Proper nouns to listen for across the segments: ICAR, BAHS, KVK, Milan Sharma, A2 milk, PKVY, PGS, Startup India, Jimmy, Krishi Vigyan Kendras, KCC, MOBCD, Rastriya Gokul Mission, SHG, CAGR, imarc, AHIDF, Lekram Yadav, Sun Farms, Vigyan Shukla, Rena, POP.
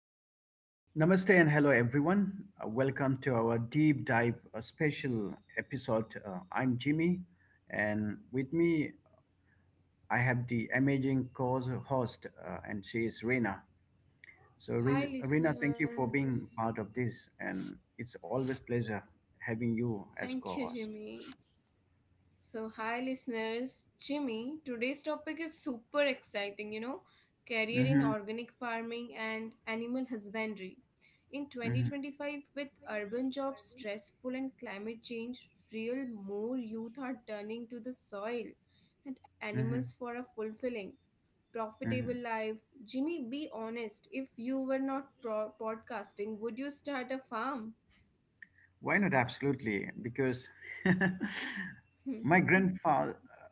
Uh, Namaste and hello, everyone. Welcome to our deep dive special episode. I'm Jimmy, and with me, I have the amazing co-host, and she is Rena. So, Hi, Rena, thank you for being listeners. part of this, and it's always pleasure having you as Thank you, co-host. Jimmy. So, hi, listeners. Jimmy, today's topic is super exciting, you know, career in Mm-hmm, organic farming and animal husbandry. In mm-hmm, 2025, with urban jobs stressful and climate change real, more youth are turning to the soil and mm-hmm, animals for a fulfilling, profitable mm-hmm. life. Jimmy, be honest. If you were not podcasting, would you start a farm? Why not? Absolutely. Because my grandfather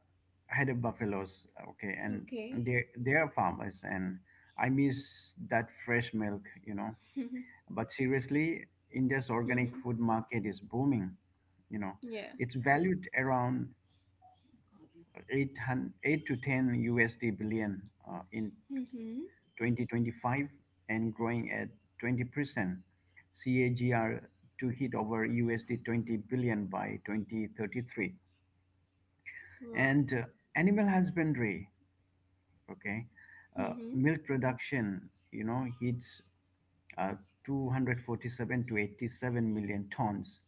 had a buffaloes, okay, and Okay. they are farmers, and I miss that fresh milk. But seriously, India's organic Mhm. food market is booming. You know, Yeah. it's valued around 808 to 10 USD billion in Mm-hmm. 2025 and growing at 20% CAGR to hit over USD 20 billion by 2033. Wow. And animal husbandry, okay, Mm-hmm. milk production, you know, hits uh, 247 to 87 million tons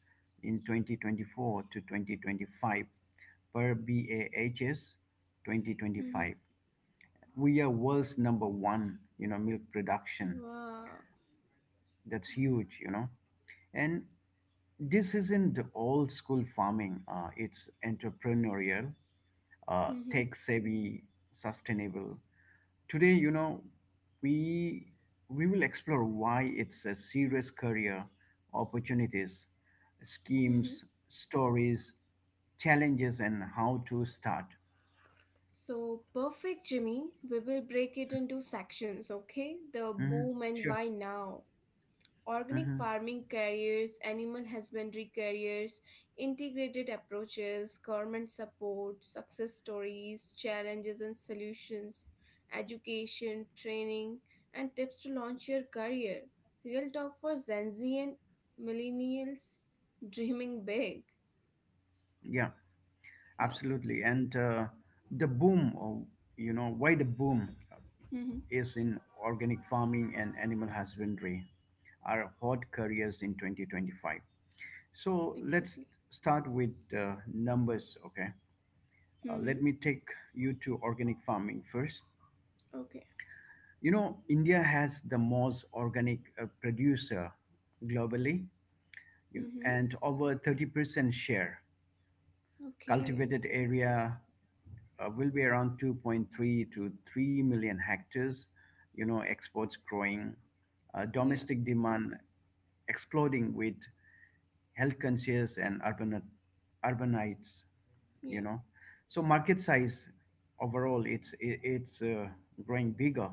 in 2024 to 2025 per BAHS Mm-hmm. 2025. We are world's number one, you know, milk production. Wow. That's huge, you know. And this isn't the old school farming. It's entrepreneurial, Mm-hmm. tech savvy, sustainable. Today, you know, we we will explore why it's a serious career, opportunities, Mm-hmm. schemes, stories, challenges, and how to start. So, perfect, Jimmy. We will break it into sections, okay? The hmm boom and Sure. why now. Organic hmm farming careers, animal husbandry careers, integrated approaches, government support, success stories, challenges and solutions, education, training, and tips to launch your career. Real talk for Gen Z and millennials dreaming big. Yeah, Yeah. absolutely. And the boom, or you know, why the boom Mm-hmm. is in organic farming and animal husbandry are hot careers in 2025. So Exactly. let's start with numbers, okay? Mm-hmm. Let me take you to organic farming first. Okay. You know, India has the most organic producer globally, Mm-hmm. and over 30% share. Okay. Cultivated area will be around 2.3 to 3 million hectares. You know, exports growing, Yeah. domestic demand exploding with health conscious and urbanites. You Yeah. know, so market size overall, it's growing bigger,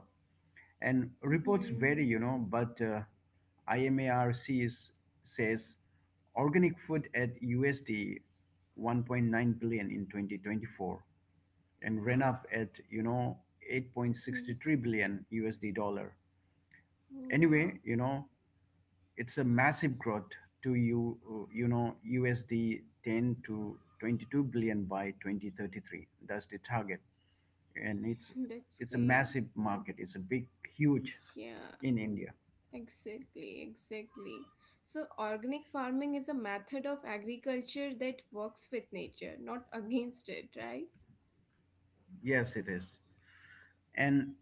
and reports vary, Mm-hmm. you know, but imarc is, says organic food at USD 1.9 billion in 2024 and ran up at, you know, Mm-hmm. Mm-hmm. 8.63 billion USD dollar. Anyway, Wow. you know, it's a massive growth to, you know, USD 10 to 22 billion by 2033. That's the target, and it's That's it's a great. massive market. It's a big, huge Yeah. in India. Exactly, exactly. So, organic farming is a method of agriculture that works with nature, not against it, right? Yes, it is, and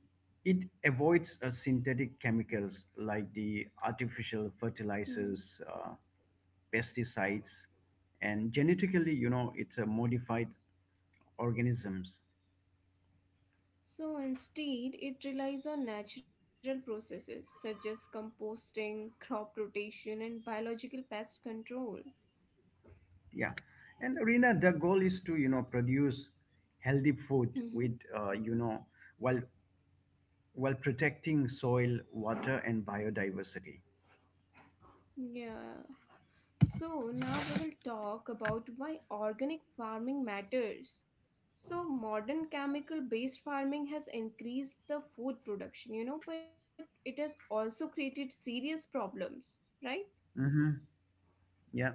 it avoids synthetic chemicals like the Hmm. artificial fertilizers. Pesticides and genetically, you know, it's a modified organisms. So, instead, it relies on natural processes such as composting, crop rotation, and biological pest control. Yeah, and Rina, the goal is to, you know, produce healthy food Hmm. with, while protecting soil, water and biodiversity. Yeah. So, now we will talk about why organic farming matters. So, modern chemical based farming has increased the food production, you know, but it has also created serious problems, right? hmm yeah.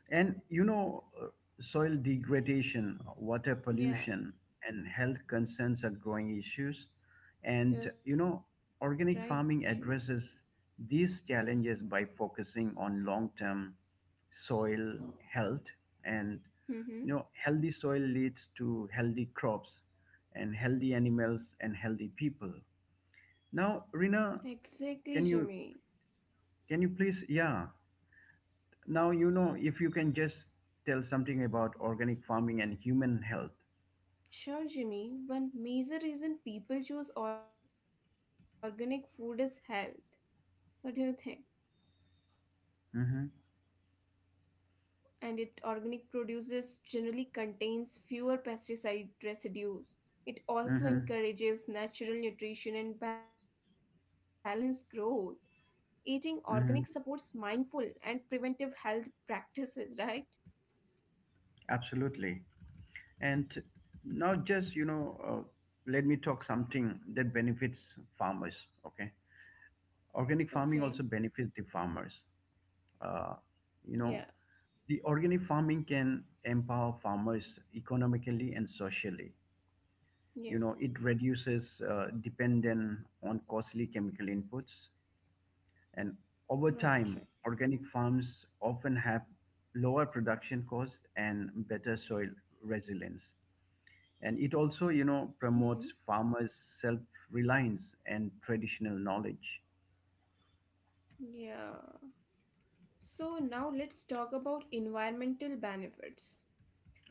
Hmm. And you know, soil degradation, water pollution, Yeah, and health concerns are growing issues. And you know, you're right, organic Jimmy. farming addresses these challenges by focusing on long term soil health. And you know, Mm-hmm. healthy soil leads to healthy crops, and healthy animals, and healthy people. Now, Rina, Exactly, Jimmy. can you can you please? Yeah, now, you know, if you can just tell something about organic farming and human health. Sure, Jimmy. One major reason people choose organic food is health. What do you think? Mm-hmm. And it organic produces generally contains fewer pesticide residues. It Mm-hmm. also encourages natural nutrition and balanced growth. Eating organic supports Mm-hmm. mindful and preventive health practices, right? Absolutely. And now, let me talk something that benefits farmers. Okay. Okay. Organic farming also benefits the farmers. Uh, Yeah, you know, the organic farming can empower farmers economically and socially. You yeah, know, it reduces dependence on costly chemical inputs. And right, right. over time, organic farms often have lower production costs and better soil resilience. And it also, you know, Mm-hmm. promotes farmers' self-reliance and traditional knowledge. Yeah. So now let's talk about environmental benefits.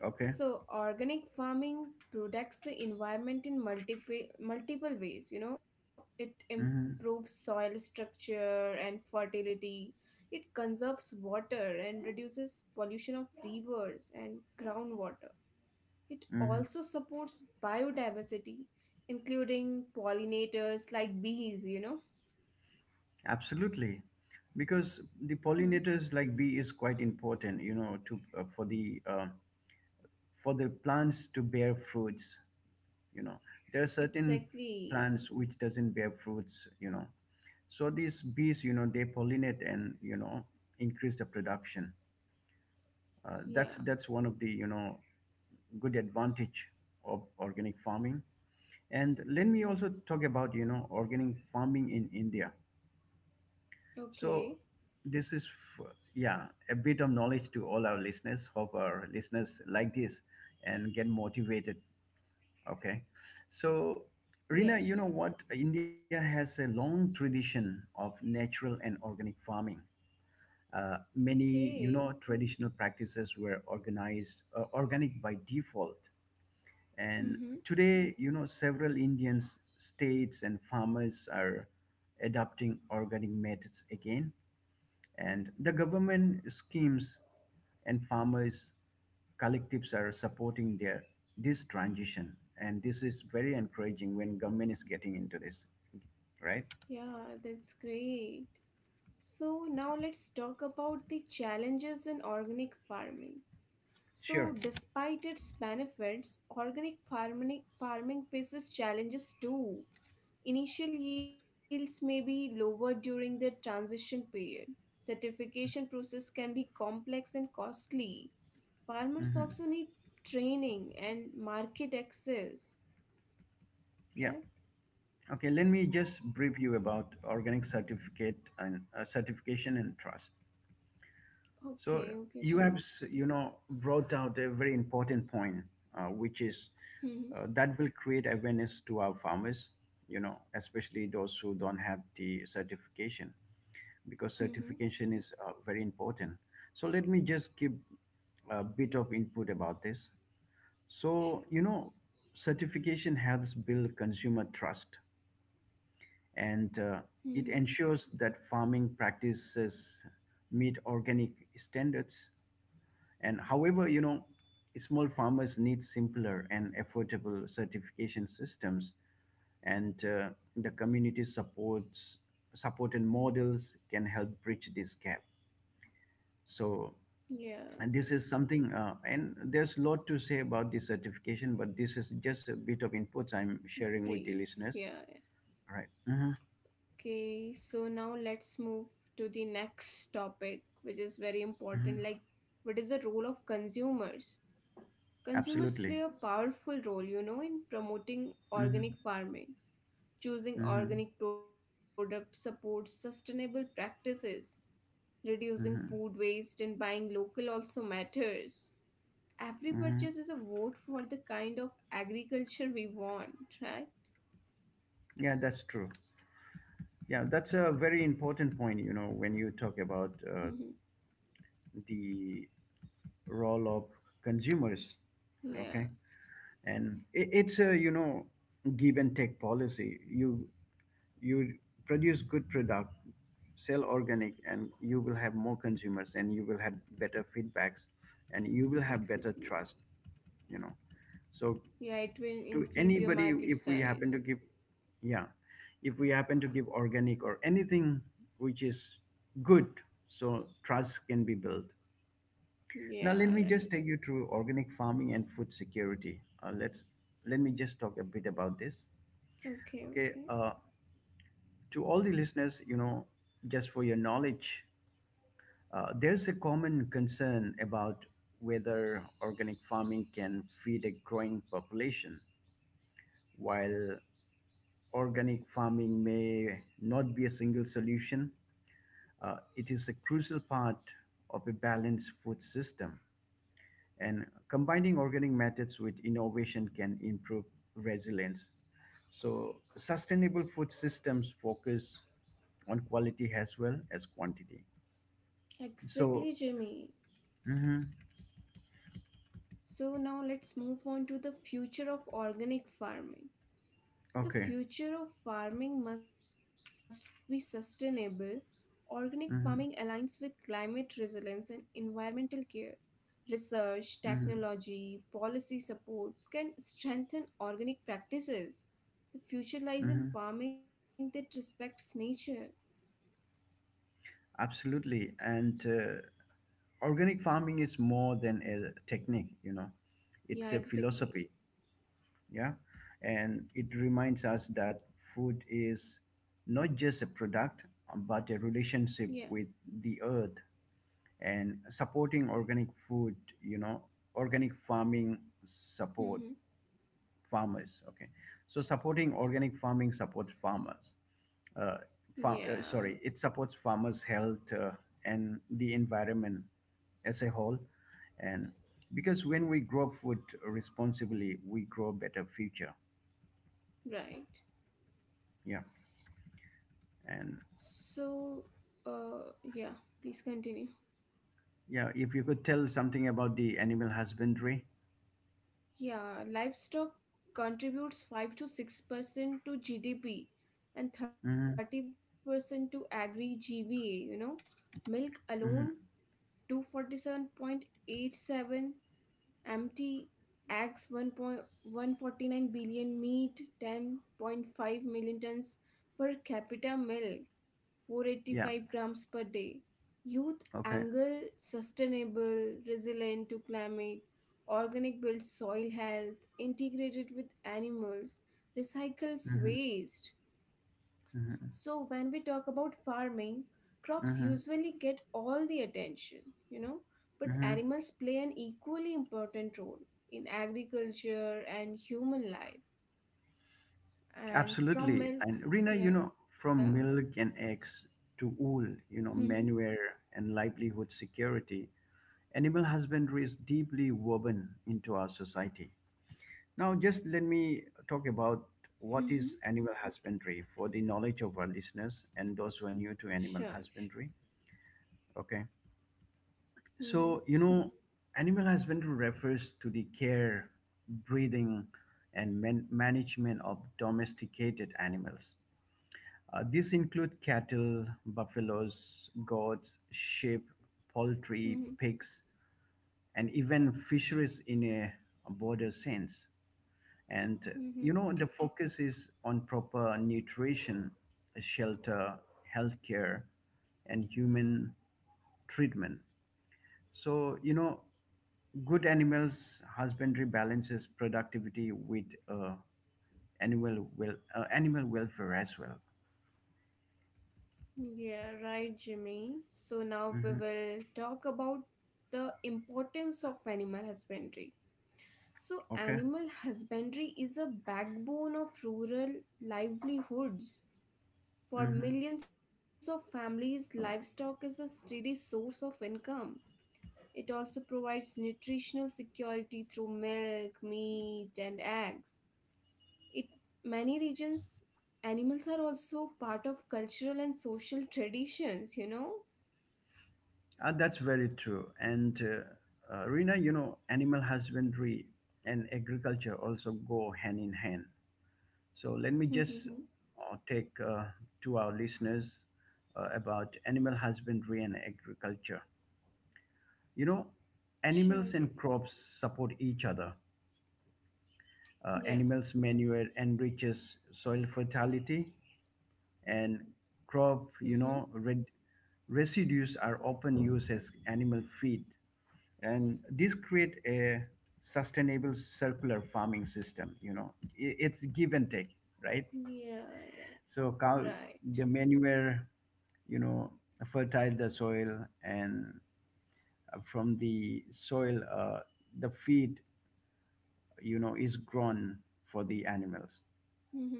Okay. So organic farming protects the environment in multiple ways, you know. It Mm-hmm. improves soil structure and fertility. It conserves water and reduces pollution of rivers and groundwater. It Mm-hmm. also supports biodiversity, including pollinators like bees, you know? Absolutely. Because the Hmm, pollinators like bee is quite important, you know, to for the plants to bear fruits, you know. There are certain exactly. plants which doesn't bear fruits, you know, so these bees, you know, they pollinate and, you know, increase the production. Yeah. That's one of the, you know, good advantage of organic farming. And let me also talk about, you know, organic farming in India. So Okay. this is f- yeah, a bit of knowledge to all our listeners. Hope our listeners like this and get motivated. Okay. So, Rina, Yeah, you know sure. what? India has a long tradition of natural and organic farming. Many, you know, Okay. traditional practices were organized organic by default. And Mm-hmm. today, you know, several Indian states, and farmers are adopting organic methods again. And the government schemes and farmers collectives are supporting their this transition, and this is very encouraging when government is getting into this, right? Yeah, that's great. So now let's talk about the challenges in organic farming. So Sure. despite its benefits, organic farming faces challenges too. Initial yields may be lower during the transition period. Certification process can be complex and costly. Farmers hmm also need training and market access, yeah, right? okay, let me just brief you about organic certificate and certification and trust. Okay, So okay, Jimmy. you have, you know, brought out a very important point, which is Mm-hmm. That will create awareness to our farmers, you know, especially those who don't have the certification, because Mm-hmm. certification is very important. So let me just give a bit of input about this. So Sure. you know, certification helps build consumer trust, and Mm-hmm. it ensures that farming practices meet organic standards. And however, you know, small farmers need simpler and affordable certification systems, and the community supports support and models can help bridge this gap. So, Yeah. and this is something, and there's a lot to say about this certification, but this is just a bit of inputs I'm sharing with the Brief. listeners. Yeah, Right. Mm-hmm, yeah. Okay. So now let's move to the next topic, which is very mm-hmm. important. Like, what is the role of consumers? Consumers Absolutely. play a powerful role, you know, in promoting Mm-hmm, organic farming. Choosing mm-hmm, organic products supports sustainable practices. Reducing food mm-hmm, waste and buying local also matters. Every mm-hmm. purchase is a vote for the kind of agriculture we want, right? Yeah, that's true. Yeah, that's a very important point, you know, when you talk about Mhm. the role of consumers, okay? Yeah, And it's a you know, give and take policy. You produce good product, sell organic, and you will have more consumers, and you will have better feedbacks, and you will have better trust, exactly. you know. So Yeah, to it will anybody, increase your if we market happen to give size. yeah if we happen to give organic or anything which is good, so trust can be built. Now let me Yeah, just take you right. through organic farming and food security. Let me just talk a bit about this, okay. Okay, okay. To all the listeners, you know, just for your knowledge, there's a common concern about whether organic farming can feed a growing population. While organic farming may not be a single solution, it is a crucial part of a balanced food system. And combining organic methods with innovation can improve resilience. So, sustainable food systems focus on quality as well as quantity. So, Exactly, Jimmy. mhm, So now let's move on to the future of organic farming. okay. The future of farming must be sustainable. Organic farming hmm aligns with climate resilience and environmental care. Research, hmm technology, policy support can strengthen organic practices. The hmm future lies in farming that respects nature. Absolutely. And organic farming is more than a technique, you know, it's a Yeah, philosophy. exactly. Yeah. And it reminds us that food is not just a product, but a Yeah. relationship with the earth. And supporting organic food, you know, organic farming support Mm-hmm. farmers. Okay. So supporting organic farming supports farmers, uh, sorry, Yeah. it supports farmers' health and the environment as a whole. And because when we grow food responsibly, we grow a better future. Right. Yeah. And So, yeah. Please continue. yeah, if you could tell something about the animal husbandry. Yeah, livestock contributes 5 to 6% to GDP hmm and 30% to agri GVA, you know. Milk hmm alone 247.87 empty acts 1.149 billion meat 10.5 million tons per capita milk Yeah. 485 grams per day, youth Okay. angle sustainable resilient to climate, organic builds soil health integrated with animals, recycles hmm waste. hmm So, when we talk about farming, crops hmm usually get all the attention, you know, but hmm animals play an equally important role in agriculture and human life. And Absolutely. from And milk, Rina, you know, yeah. from milk and eggs to wool, you know, Mm-hmm, manure and livelihood security, animal husbandry is deeply woven into our society. Now, just let me talk about what is mm-hmm. animal husbandry for the knowledge of our listeners and those who are new to Sure, sure. animal husbandry. Okay. Mm-hmm, So, you know, animal husbandry refers to the care, breeding, and management of domesticated animals. These include cattle, buffaloes, goats, sheep, mm-hmm, poultry, pigs, and even fisheries in a broader sense. And you mm-hmm. know, the focus is on proper nutrition, shelter, healthcare, and human treatment. So, you know, good animals husbandry balances productivity with uh, animal welfare as well. Yeah, right, Jimmy. So now we hmm will talk about the importance of animal husbandry. So, Okay. animal husbandry is a backbone of rural livelihoods. For hmm millions of families, livestock is a steady source of income. It also provides nutritional security through milk, meat, and eggs. It many regions animals are also part of cultural and social traditions, you know? That's very true. And Rina, you know, animal husbandry and agriculture also go hand in hand. So let me just Mm-hmm. Take to our listeners about animal husbandry and agriculture. You know, Sure, animals Jimmy. and crops support each other. Yeah. Animals' manure enriches soil fertility, and Mm-hmm. crop, you know, red, residues are often used as animal feed, and this create a sustainable circular farming system, you know. It's give and take, right? Yeah, yeah. So cow, Right. the manure, you know, fertile the soil, and from the soil, the feed, you know, is grown for the animals. Mm-hmm.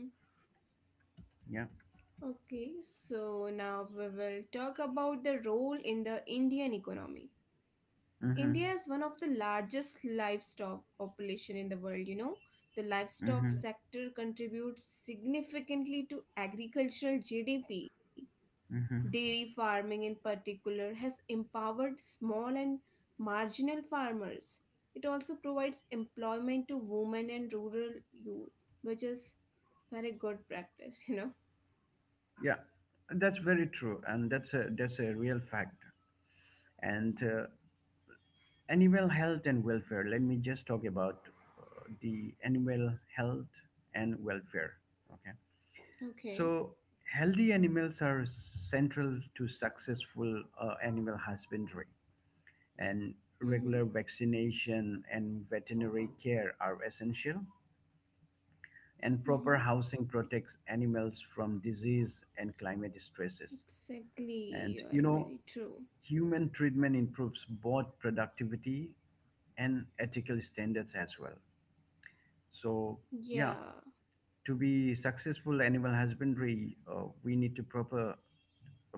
Yeah. Okay, so now we will talk about the role in the Indian economy. Mm-hmm. India is one of the largest livestock population in the world, you know. The livestock Mm-hmm. sector contributes significantly to agricultural GDP. Mm-hmm. Dairy farming in particular has empowered small and marginal farmers. It also provides employment to women and rural youth, which is very good practice, you know. Yeah, that's very true, and that's a real fact. And animal health and welfare. Let me just talk about the animal health and welfare. Okay. Okay. So, healthy animals are central to successful animal husbandry, and Mhm. regular vaccination and veterinary care are essential. And proper housing protects animals from disease and climate stresses. Exactly, And you are you know, very true. human treatment improves both productivity and ethical standards as well. So, yeah, Yeah, to be successful animal husbandry, we need to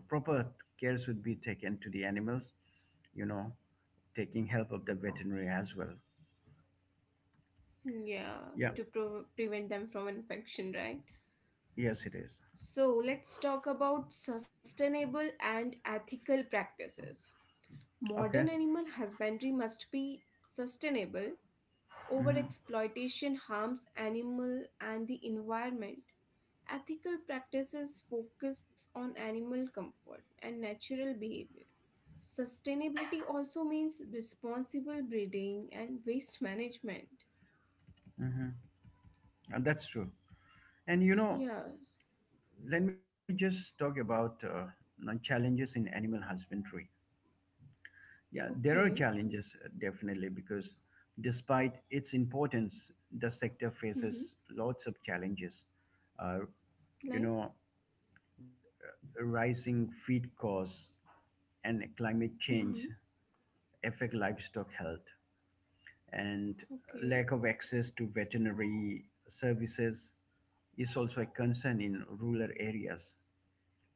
proper care should be taken to the animals. You know, taking help of the veterinary as well. yeah, Yeah, to prevent them from infection, right? yes, it is. So let's talk about sustainable and ethical practices. Modern Okay. animal husbandry must be sustainable. Mm-hmm. Overexploitation harms animal and the environment. Ethical practices focus on animal comfort and natural behavior. Sustainability also means responsible breeding and waste management. Mm-hmm. And that's true. And you know, Yes, let me just talk about you know, challenges in animal husbandry. Yeah, there are okay. challenges definitely, because despite its importance, the sector faces Mm-hmm. lots of challenges. Uh, you know, Like, rising feed costs and climate change mm-hmm. affect livestock health, and lack of Okay, access to veterinary services is also a concern in rural areas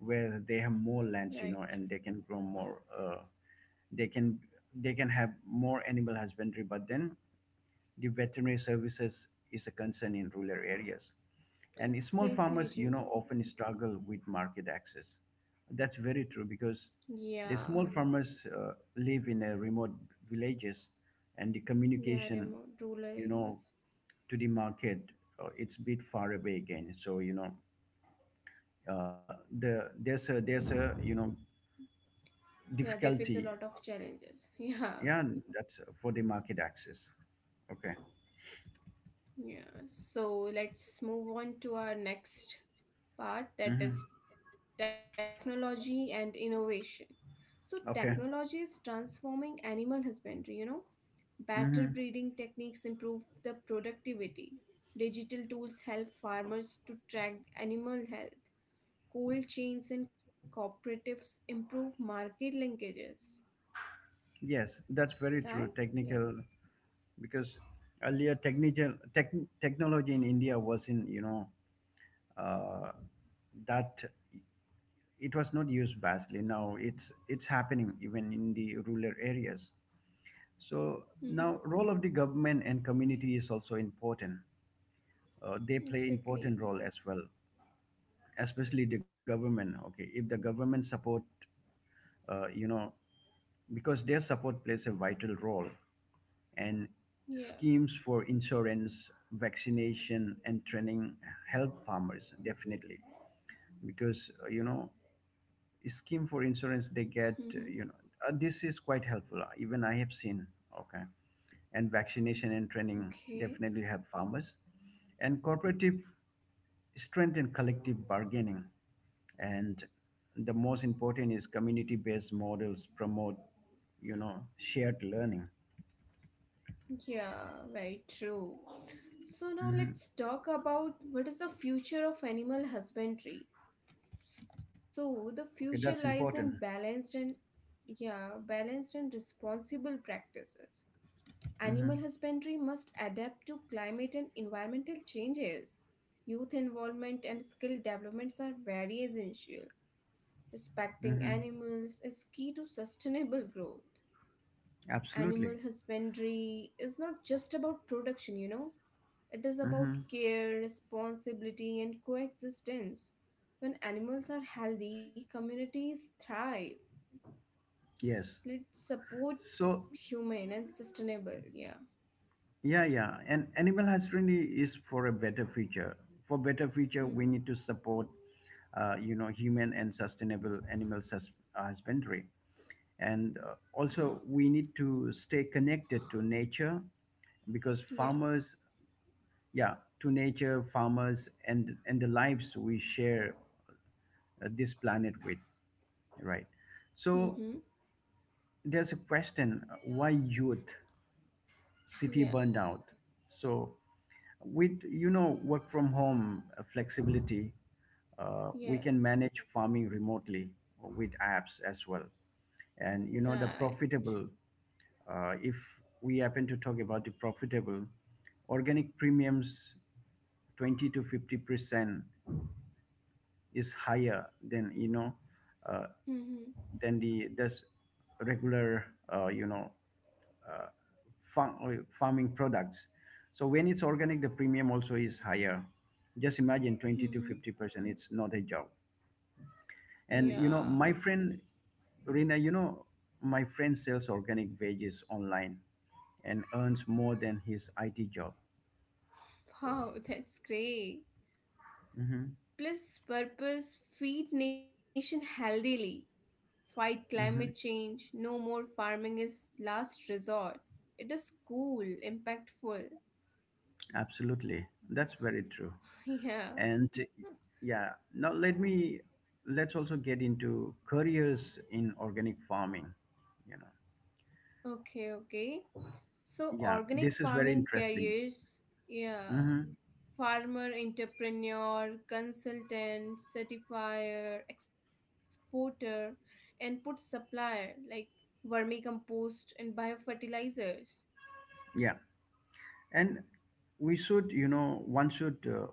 where they have more lands, right. you know, and they can grow more, they can they can have more animal husbandry, but then the veterinary services is a concern in rural areas, and small farmers, you know, often Exactly, Jimmy. struggle with market access. That's very true, because the Yeah, small farmers live in a remote villages, and the communication, yeah, remote you rural know, areas. to the market, it's a bit far away. Again, so you know, uh, there's a you know difficulty. Yeah, they face a lot of challenges. Yeah, Yeah, that's for the market access. Okay. yeah. So let's move on to our next Hmm. part, that is technology and innovation. So Okay. technology is transforming animal husbandry, you know. Hmm. Better breeding techniques improve the productivity. Digital tools help farmers to track animal health. Cold chains and cooperatives improve market linkages. Yes, that's very true. Right? Technical, Yeah. because earlier technical technology in India was in, you know, uh, that it was not used vastly. Now it's happening even in the rural areas. So now Mm-hmm. role of the government and community is also important. They play important role Exactly. as well, especially the government. Okay, if the government support, uh, you know because their support plays a vital role, and Yeah. schemes for insurance, vaccination, and training help farmers definitely, because you know, scheme for Mm-hmm. insurance they get, this is quite helpful. Even I have seen. Okay. And vaccination and Okay. training definitely help farmers, and cooperative strength and collective bargaining, and the most important is community based models promote, you know, shared learning. Yeah, very true. So now Hmm. let's talk about what is the future of animal husbandry. So the Okay, future that's lies important. in balanced and, yeah, balanced and responsible practices. Hmm. Animal husbandry must adapt to climate and environmental changes. Youth involvement and skill developments are very essential. Respecting Hmm. animals is key to sustainable growth. Absolutely. Animal husbandry is not just about production, you know, it is about Hmm. care, responsibility, and coexistence. When animals are healthy, communities thrive. Yes. Let's support So human and sustainable. Yeah. yeah, yeah. And animal husbandry is for a better future. For better future, we Hmm. need to support, you know, human and sustainable animal husbandry, and also we need to stay connected to nature, because Yeah. farmers, yeah, to nature, farmers, and the lives we share this planet with, right? Hmm. So there's a question: why youth city Yeah, burned out? So with, you know, work from home flexibility, yeah, we can manage farming remotely with apps as well. And you know, the right. profitable, if we happen to talk about the profitable organic premiums, 20 to 50% is higher than, you know, uh, Mm-hmm, than the this regular, uh, you know uh, farming products. So when it's organic, the premium also is higher. Just imagine 20 mm-hmm. to 50%. It's not a job. And you Yeah, know, my friend Rina, you know, my friend sells organic veggies online and earns more than his IT job. wow, that's great. Hmm. Plus, purpose feed nation healthily, fight climate Hmm. change, no more farming is last resort. It is cool, impactful. Absolutely, that's very true. Yeah, And yeah, now let me, let's also get into careers in organic farming. You know, okay, okay. So, yeah, organic this is very farming interesting. careers, yeah, Hmm. farmer entrepreneur, consultant, certifier, exporter, and put supplier like vermicompost and biofertilizers. Yeah, and we should, you know, one should.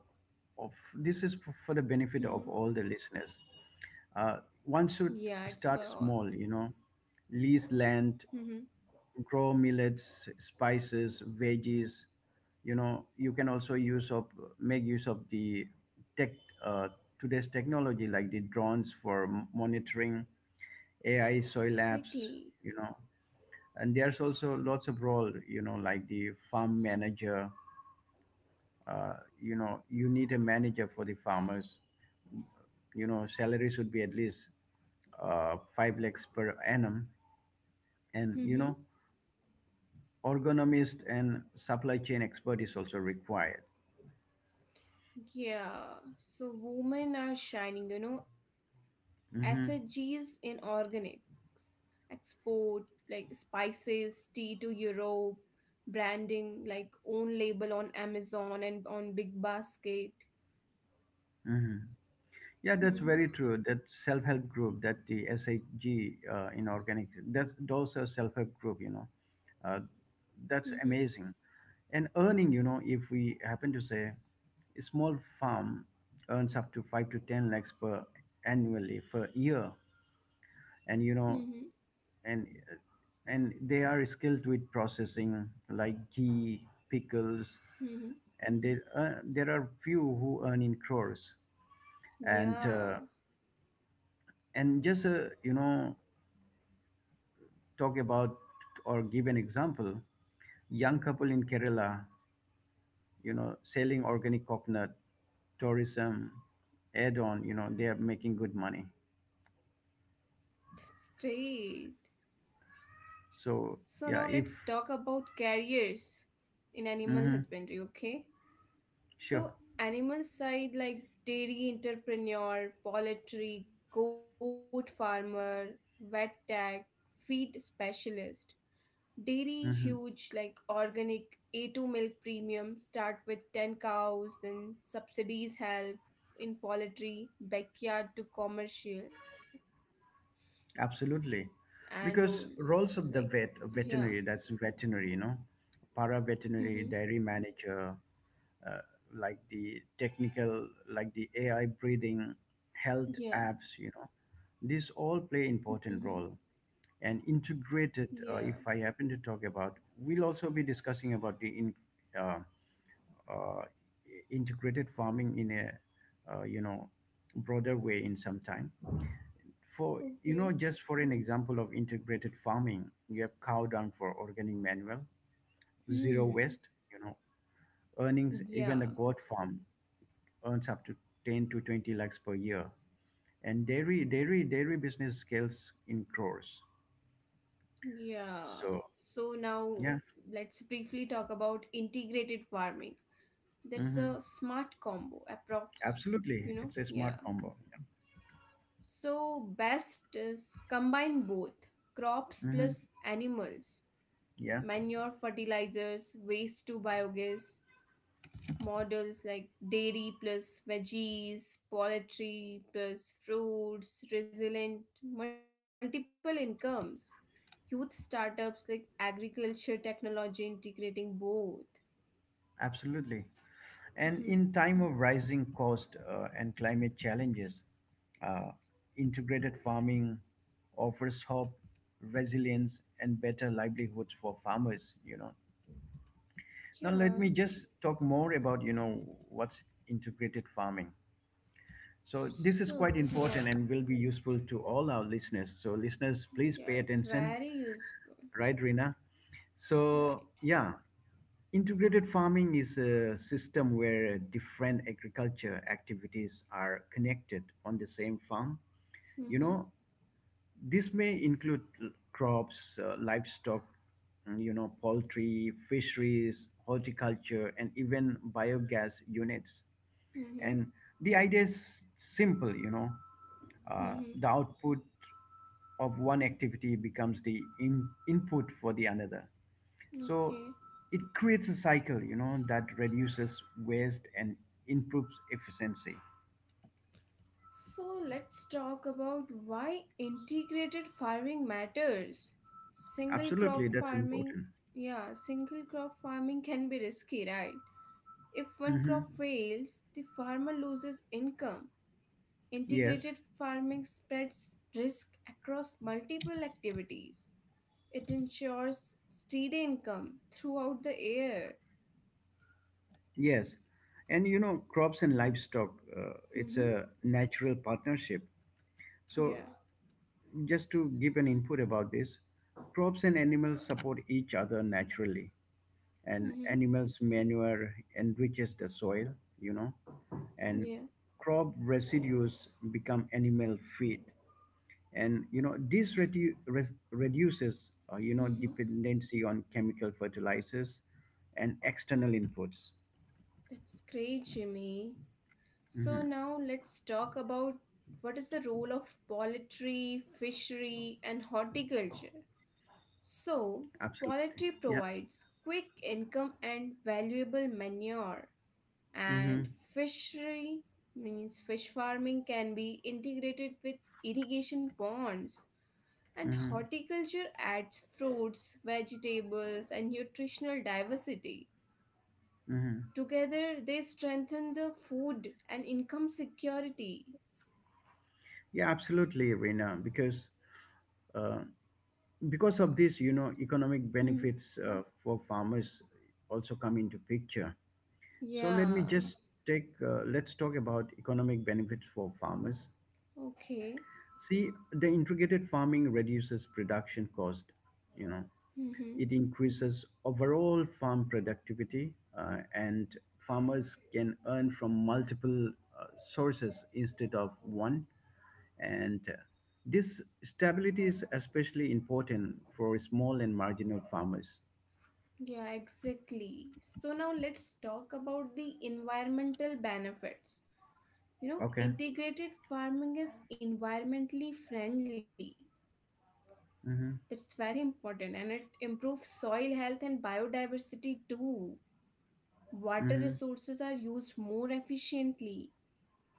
Of this is for the benefit of Mhm. all the listeners. Uh, Yeah, one it's for should all. start small, you know, lease Mhm. land, grow millets, spices, veggies. You know, you can also use of make use of the tech, uh, today's technology, like the drones for monitoring, AI soil Exactly. labs. You know, and there's also lots of role, you know, like the farm manager, uh, you know, you need a manager for the farmers. You know, salary should be at least 5 lakhs per annum, Mhm. and you know, ergonomist and supply chain expert is also required. Yeah, so women are shining, you know, SHG's in Hmm. organics, export like spices, tea to Europe, branding like own label on Amazon and on Big Basket. Hmm. Yeah, that's Mhm, very true. That self-help group, that the SHG in organic, that's those are self-help group. You know, uh, mhm, that's amazing. And earning, you know, if we happen to say, a small farm earns up to 5 to 10 lakhs per annually per year, and you mhm, know, and uh, and they are skilled with processing like ghee, pickles, mhm. and they, there are few who earn in crores. And uh, Yeah, and just you know, talk about or give an example, young couple in Kerala, you know, selling organic coconut, tourism add on, you know, they are making good money. that's great. So now So let's yeah, talk if. about careers in animal Hmm. husbandry, okay? So, Sure. animal side like dairy entrepreneur, poultry, goat farmer, vet tech, feed specialist. Dairy Hmm. huge like organic A2 milk premium start with 10 cows, then subsidies help in poultry, backyard to commercial Absolutely. and rolls. Because Like, roles of the yeah. Veterinary that's veterinary, you know, para Mm-hmm. veterinary, dairy manager, uh, like the technical, like the AI breathing, health Yeah. apps, you know, these all play Mm-hmm. important role. And integrated. Yeah. If I happen to talk about, we'll also be discussing about the uh, uh, integrated farming in a, you know, broader way in some time. For Okay. you know, just for an example of integrated farming, you have cow dung for organic manual, zero Hmm. waste, you know, earnings, Yeah. even a goat farm earns up to 10 to 20 lakhs per year. And dairy business scales in crores. Yeah. So So now yeah. let's briefly talk about integrated farming. That's a Hmm. smart combo, approx. Absolutely, You know, it's a smart yeah. combo. So best is combine both crops Hmm. plus animals, Yeah, manure, fertilizers, waste to biogas, models like dairy plus veggies, poultry plus fruits, resilient multiple incomes. Youth startups like agriculture technology integrating both. absolutely. Mhm. And in time of rising cost and climate challenges, uh, integrated farming offers hope, resilience, and better livelihoods for farmers. You know. Now Yeah, let me just talk more about, you know, what's integrated farming. So this is quite so yeah, important and will be useful to all our listeners. So listeners, yeah, please pay it's very attention, useful, right, Rina? right? So yeah, integrated farming is a system where different agriculture activities are connected on the same farm. You Mm-hmm, know, this may include crops, livestock, mm, you know, poultry, fisheries, horticulture, and even biogas units. mm-hmm, And the idea is simple, you know. Mm-hmm. The output of one activity becomes the input for the another. So Okay, it creates a cycle, you know, that reduces waste and improves efficiency. so let's talk about why integrated farming matters. Single Absolutely, crop that's farming, important. yeah, single crop farming can be risky, right? If one Hmm. crop fails the farmer loses income. Yes. Integrated farming spreads risk across multiple activities. It ensures steady income throughout the year. Yes. And you know, crops and livestock, it's Mm-hmm. a natural partnership. So, Yeah. just to give an input about this, crops and animals support each other naturally. And Mm-hmm. animals' manure enriches the soil, you know, and Yeah. crop residues become animal feed. And, you know, this reduces, you know, Mm-hmm. dependency on chemical fertilizers and external inputs. That's great, Jimmy. So Hmm. now let's talk about what is the role of poultry, fishery, and horticulture. So, Absolutely. poultry Yeah. provides quick income and valuable manure, Mm-hmm. and fishery means fish farming can be integrated with irrigation ponds, and Mm-hmm. horticulture adds fruits, vegetables, and nutritional diversity. Mm-hmm. Together they strengthen the food and income security. Yeah, absolutely, Reena. Uh, because of this, you know, economic Hmm. benefits for farmers also come into picture. So let Yeah, me, mm, just take. Let's talk about economic benefits for farmers. okay. See, the integrated farming reduces production cost. You know, Hmm. it increases overall farm productivity, and farmers can earn from multiple uh, sources instead of one. And this stability is especially important for small and marginal farmers. Yeah, exactly. So now let's talk about the environmental benefits. You know, Okay. integrated farming is environmentally friendly. Mm-hmm. That's very important and it improves soil health and biodiversity too. Water Mm-hmm. resources are used more efficiently.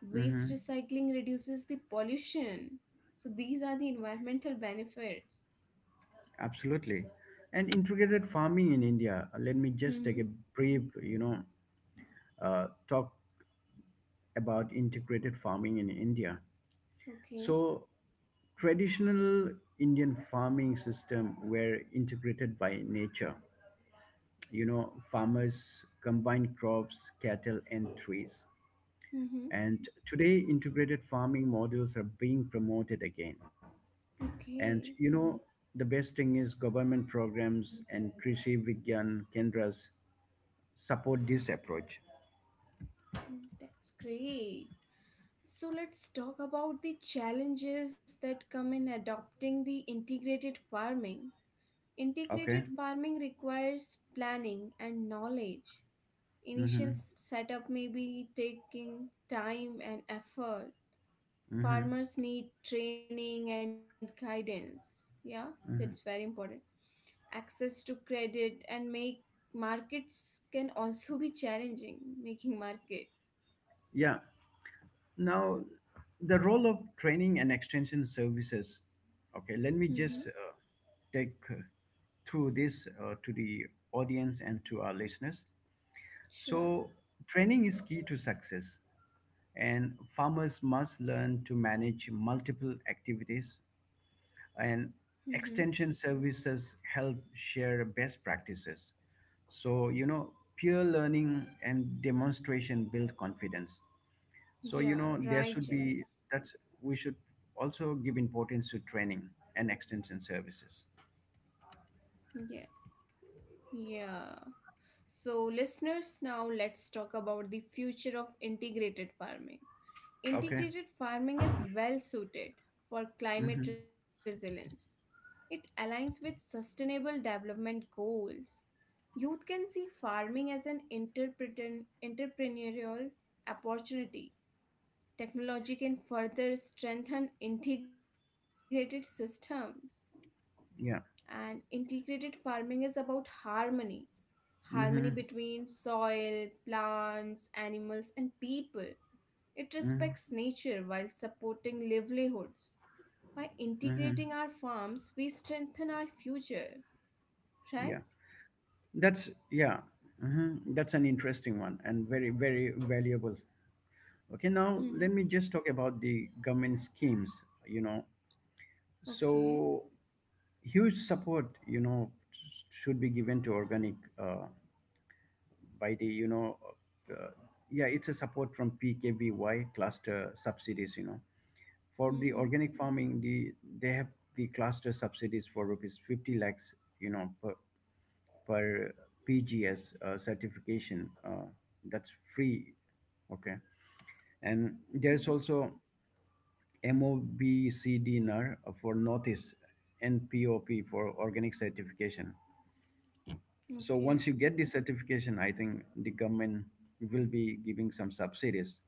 Waste Hmm. recycling reduces the pollution. So these are the environmental benefits. Absolutely. And integrated farming in India. Uh, let me just take Hmm. a brief, you know, talk about integrated farming in India. Okay. So traditional Indian farming system were integrated by nature. You know, farmers combined crops, cattle, and trees. Hmm. And today, integrated farming models are being promoted again. Okay. And you know, the best thing is government programs and Krishi Vigyan Kendras support this approach. Mm, that's great. So let's talk about the challenges that come in adopting the integrated farming. Okay. Integrated farming requires planning and knowledge. Initial Mm-hmm. setup may be taking time and effort. Mm-hmm. Farmers need training and guidance. Yeah, that's very Mm-hmm. important. Access to credit and make markets can also be challenging, making market. Yeah. Now, the role of training and extension services. Okay, let me just Mm-hmm. take through this to the audience and to our listeners. So, Sure. training is key to success, and farmers must learn to manage multiple activities, and Mm-hmm. extension services help share best practices. So, you know, peer learning and demonstration build confidence. So, you know, there Yeah, should be right, Jimmy. that's we should also give importance to training and extension services. Yeah. Yeah. So, listeners, now let's talk about the future of integrated farming. Okay. Integrated farming is well suited for Mm-hmm. climate resilience. It aligns with sustainable development goals. Youth can see farming as an entrepreneurial opportunity. Technology can further strengthen integrated systems. Yeah. And integrated farming is about harmony Mm-hmm. between soil, plants, animals, and people. It Mm-hmm. respects nature while supporting livelihoods. By Mm-hmm. integrating our farms, we strengthen our future, right? Yeah. That's yeah. Mm-hmm. That's an interesting one and very very valuable. Okay. Now let Hmm. me just talk about the government schemes. You know, Okay. so huge support. You know, should be given to organic, by the you know, uh, yeah, it's a support from PKVY cluster subsidies, you know, for the Hmm. organic farming, the they have the cluster subsidies for rupees 50 lakhs, you know, per PGS certification, that's free. Okay. And there's Hmm. also MOBCD for northeast, and POP for organic certification. So once Okay. you get the certification, I think the government will be giving some subsidies.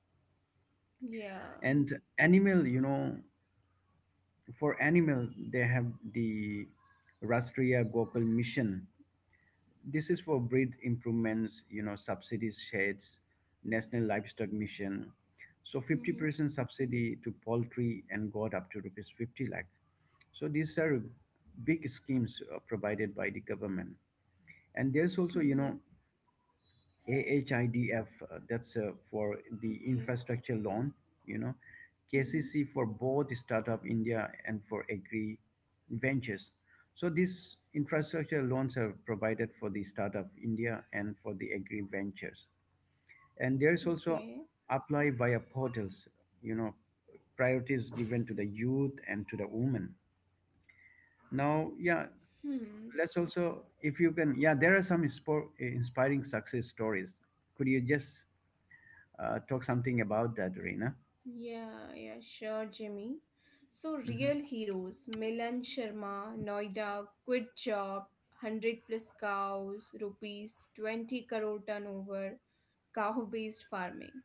Yeah. And animal, you know, for animal they have the Rastriya Gokul Mission. This is for breed improvements, you know, subsidies, sheds. National livestock mission, so 50% Hmm. subsidy to poultry and got up to rupees 50 lakh. So these are big schemes provided by the government. And there's also, you know, Hmm. AHIDF, that's for the Okay. infrastructure loan, you know, Hmm. KCC for both Startup India and for Agri Ventures. So these infrastructure loans are provided for the Startup India and for the Agri Ventures. And there is also Okay. apply via portals, you know, priorities given to the youth and to the women. Now, yeah, Hmm. let's also, if you can, yeah, there are some inspiring success stories. Could you just talk something about that, Rina. Yeah, yeah, sure, Jimmy. So, real heroes Milan Sharma, Noida, quit job, 100 plus cows, rupees 20 crore turnover, cow based farming.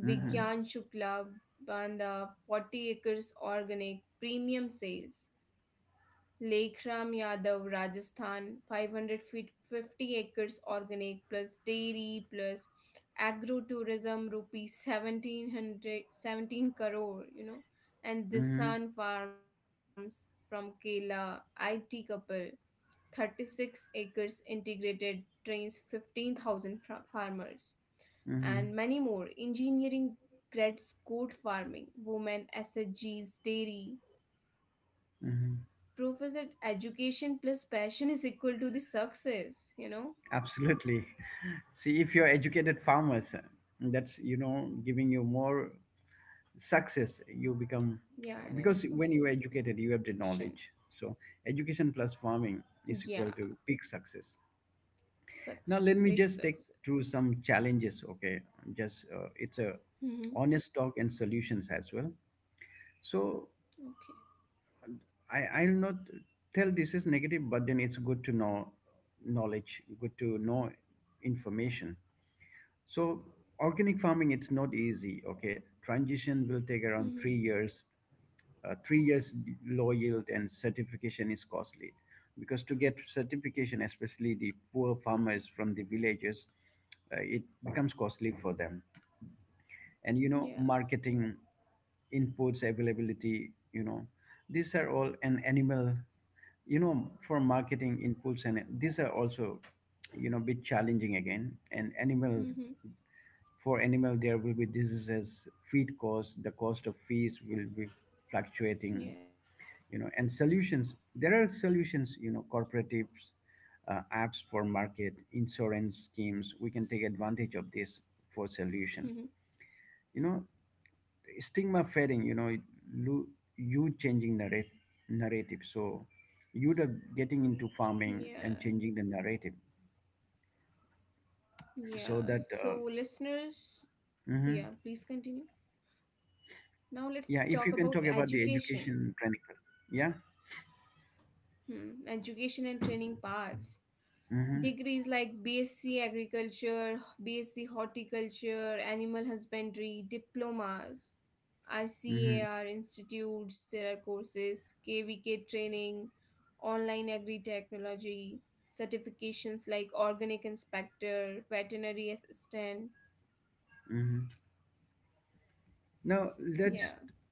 Mm-hmm. Shukla, Banda, 40 acres organic, premium sales. Lekram Yadav, Rajasthan, 550 acres organic plus dairy plus agro tourism, rupees 1700, 17 crore, you know, and the Mm-hmm. Sun Farms from Kerala, IT couple, 36 acres integrated, trains 15,000 farmers, Mm-hmm. and many more. Engineering grads, goat farming, women, SSGs, dairy, Mm-hmm. proof is that education plus passion is equal to the success, you know? Absolutely. See, if you're educated farmers, that's you know giving you more success. You become, Yeah, because and when you are educated, you information. have the knowledge. So education plus farming Yeah, is equal to big success. success, Now let big me just take success. through some challenges. Okay, just it's a Mm-hmm. honest talk and solutions as well. So Okay. I'll not tell this is negative, but then it's good to know knowledge, good to know information. So organic farming, it's not easy. Okay, transition will take around Mm-hmm. 3 years. 3 years low yield, and certification is costly, because to get certification, especially the poor farmers from the villages, it becomes costly for them. And you know, Yeah. marketing inputs availability, you know, these are all an animal, you know, for marketing inputs, and these are also, you know, bit challenging again. And animal, Mm-hmm. for animal there will be diseases, feed cost, the cost of fees will be fluctuating, you Yeah. know. And solutions, there are solutions, you know, cooperatives, apps for market, insurance schemes, we can take advantage of this for solution. Mm-hmm. You know, stigma fading, you know, lo- you changing narrate narrative, so you the getting into farming Yeah. and changing the narrative, so that Yeah. So, listeners, mhm. yeah, please continue. Yeah, Now, if you let's can talk talk about the about education training. education. Yeah. Hmm. Education and training paths. Mm-hmm. Degrees like BSc Agriculture, BSc Horticulture, Animal Husbandry, diplomas, Mm-hmm. ICAR institutes, there are courses, KVK training, online agri technology, certifications like organic inspector, veterinary assistant. Mm-hmm. Now let's, Yeah.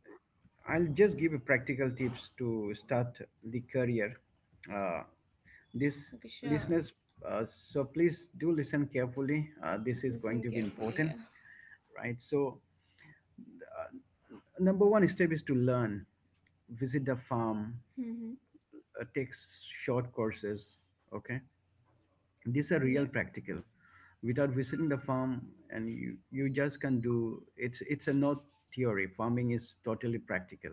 I'll just give you practical tips to start the career. Uh, Okay, this sure. listeners, so please do listen carefully. This is going Listen to be carefully. important, Yeah. right? So uh, number one step is to learn, visit the farm, Mm-hmm. Take short courses. Okay, these are Yeah. real practical. Without visiting the farm, and you just can do, it's a not theory. Farming is totally practical.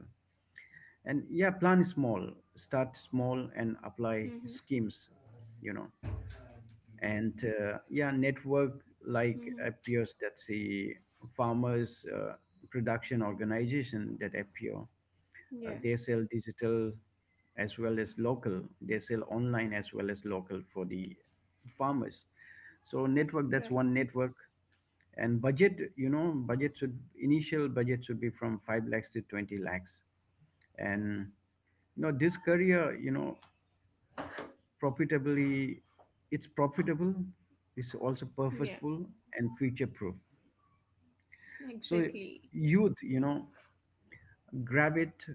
And yeah, plan small, start small, and apply Mm-hmm. schemes. You know, and yeah, network like Mm-hmm. appears, that see farmers production organization that appear. Yeah. They sell digital as well as local. They sell online as well as local for the farmers. So network, that's one Right. network. And budget, you know, budget should initial budget should be from 5 lakhs to 20 lakhs. And you know, this career, you know, profitably, it's profitable. It's also Yeah. purposeful and future proof. So youth, Exactly. you know, grab it,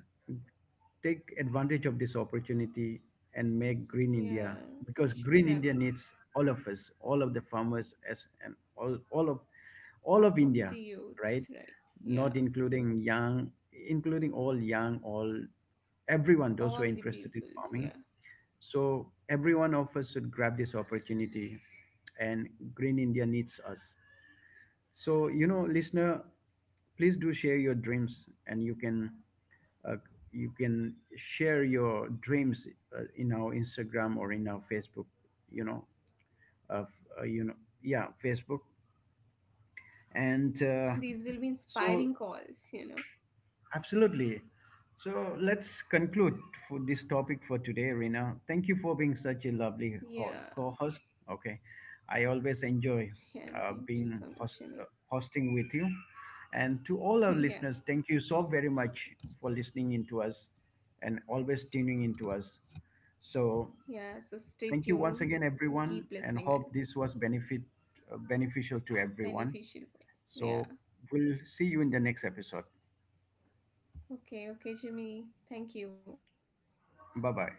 take advantage of this opportunity and make green India, Yeah. You because should green India grab it. needs all of us, all of the farmers as and all, all of Of India, the right? youths, right? Not Yeah, including young, including all young, all everyone, all those the who are interested in peoples, yeah, farming. So every one of us should grab this opportunity, and green India needs us. So you know, listener, please do share your dreams, and uh, you can share your dreams in our Instagram or in our Facebook, you know, of, uh, you know, yeah, Facebook. And these will be so inspiring calls, you know. absolutely. So let's conclude for this topic for today, Rina. Thank you for being such a lovely Yeah, co-host. Okay, I always enjoy yeah, and thank you being so host, much, Jimmy. hosting with you. And to all our listeners, Yeah, thank you so very much for listening into us and always tuning into us. So yeah. So thank stay you once again, tuned and everyone, keep and hope listening, this was guys. benefit beneficial to everyone. Beneficial for, So yeah, we'll see you in the next episode. okay, okay, Jimmy. Thank you. Bye bye.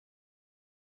Bye bye.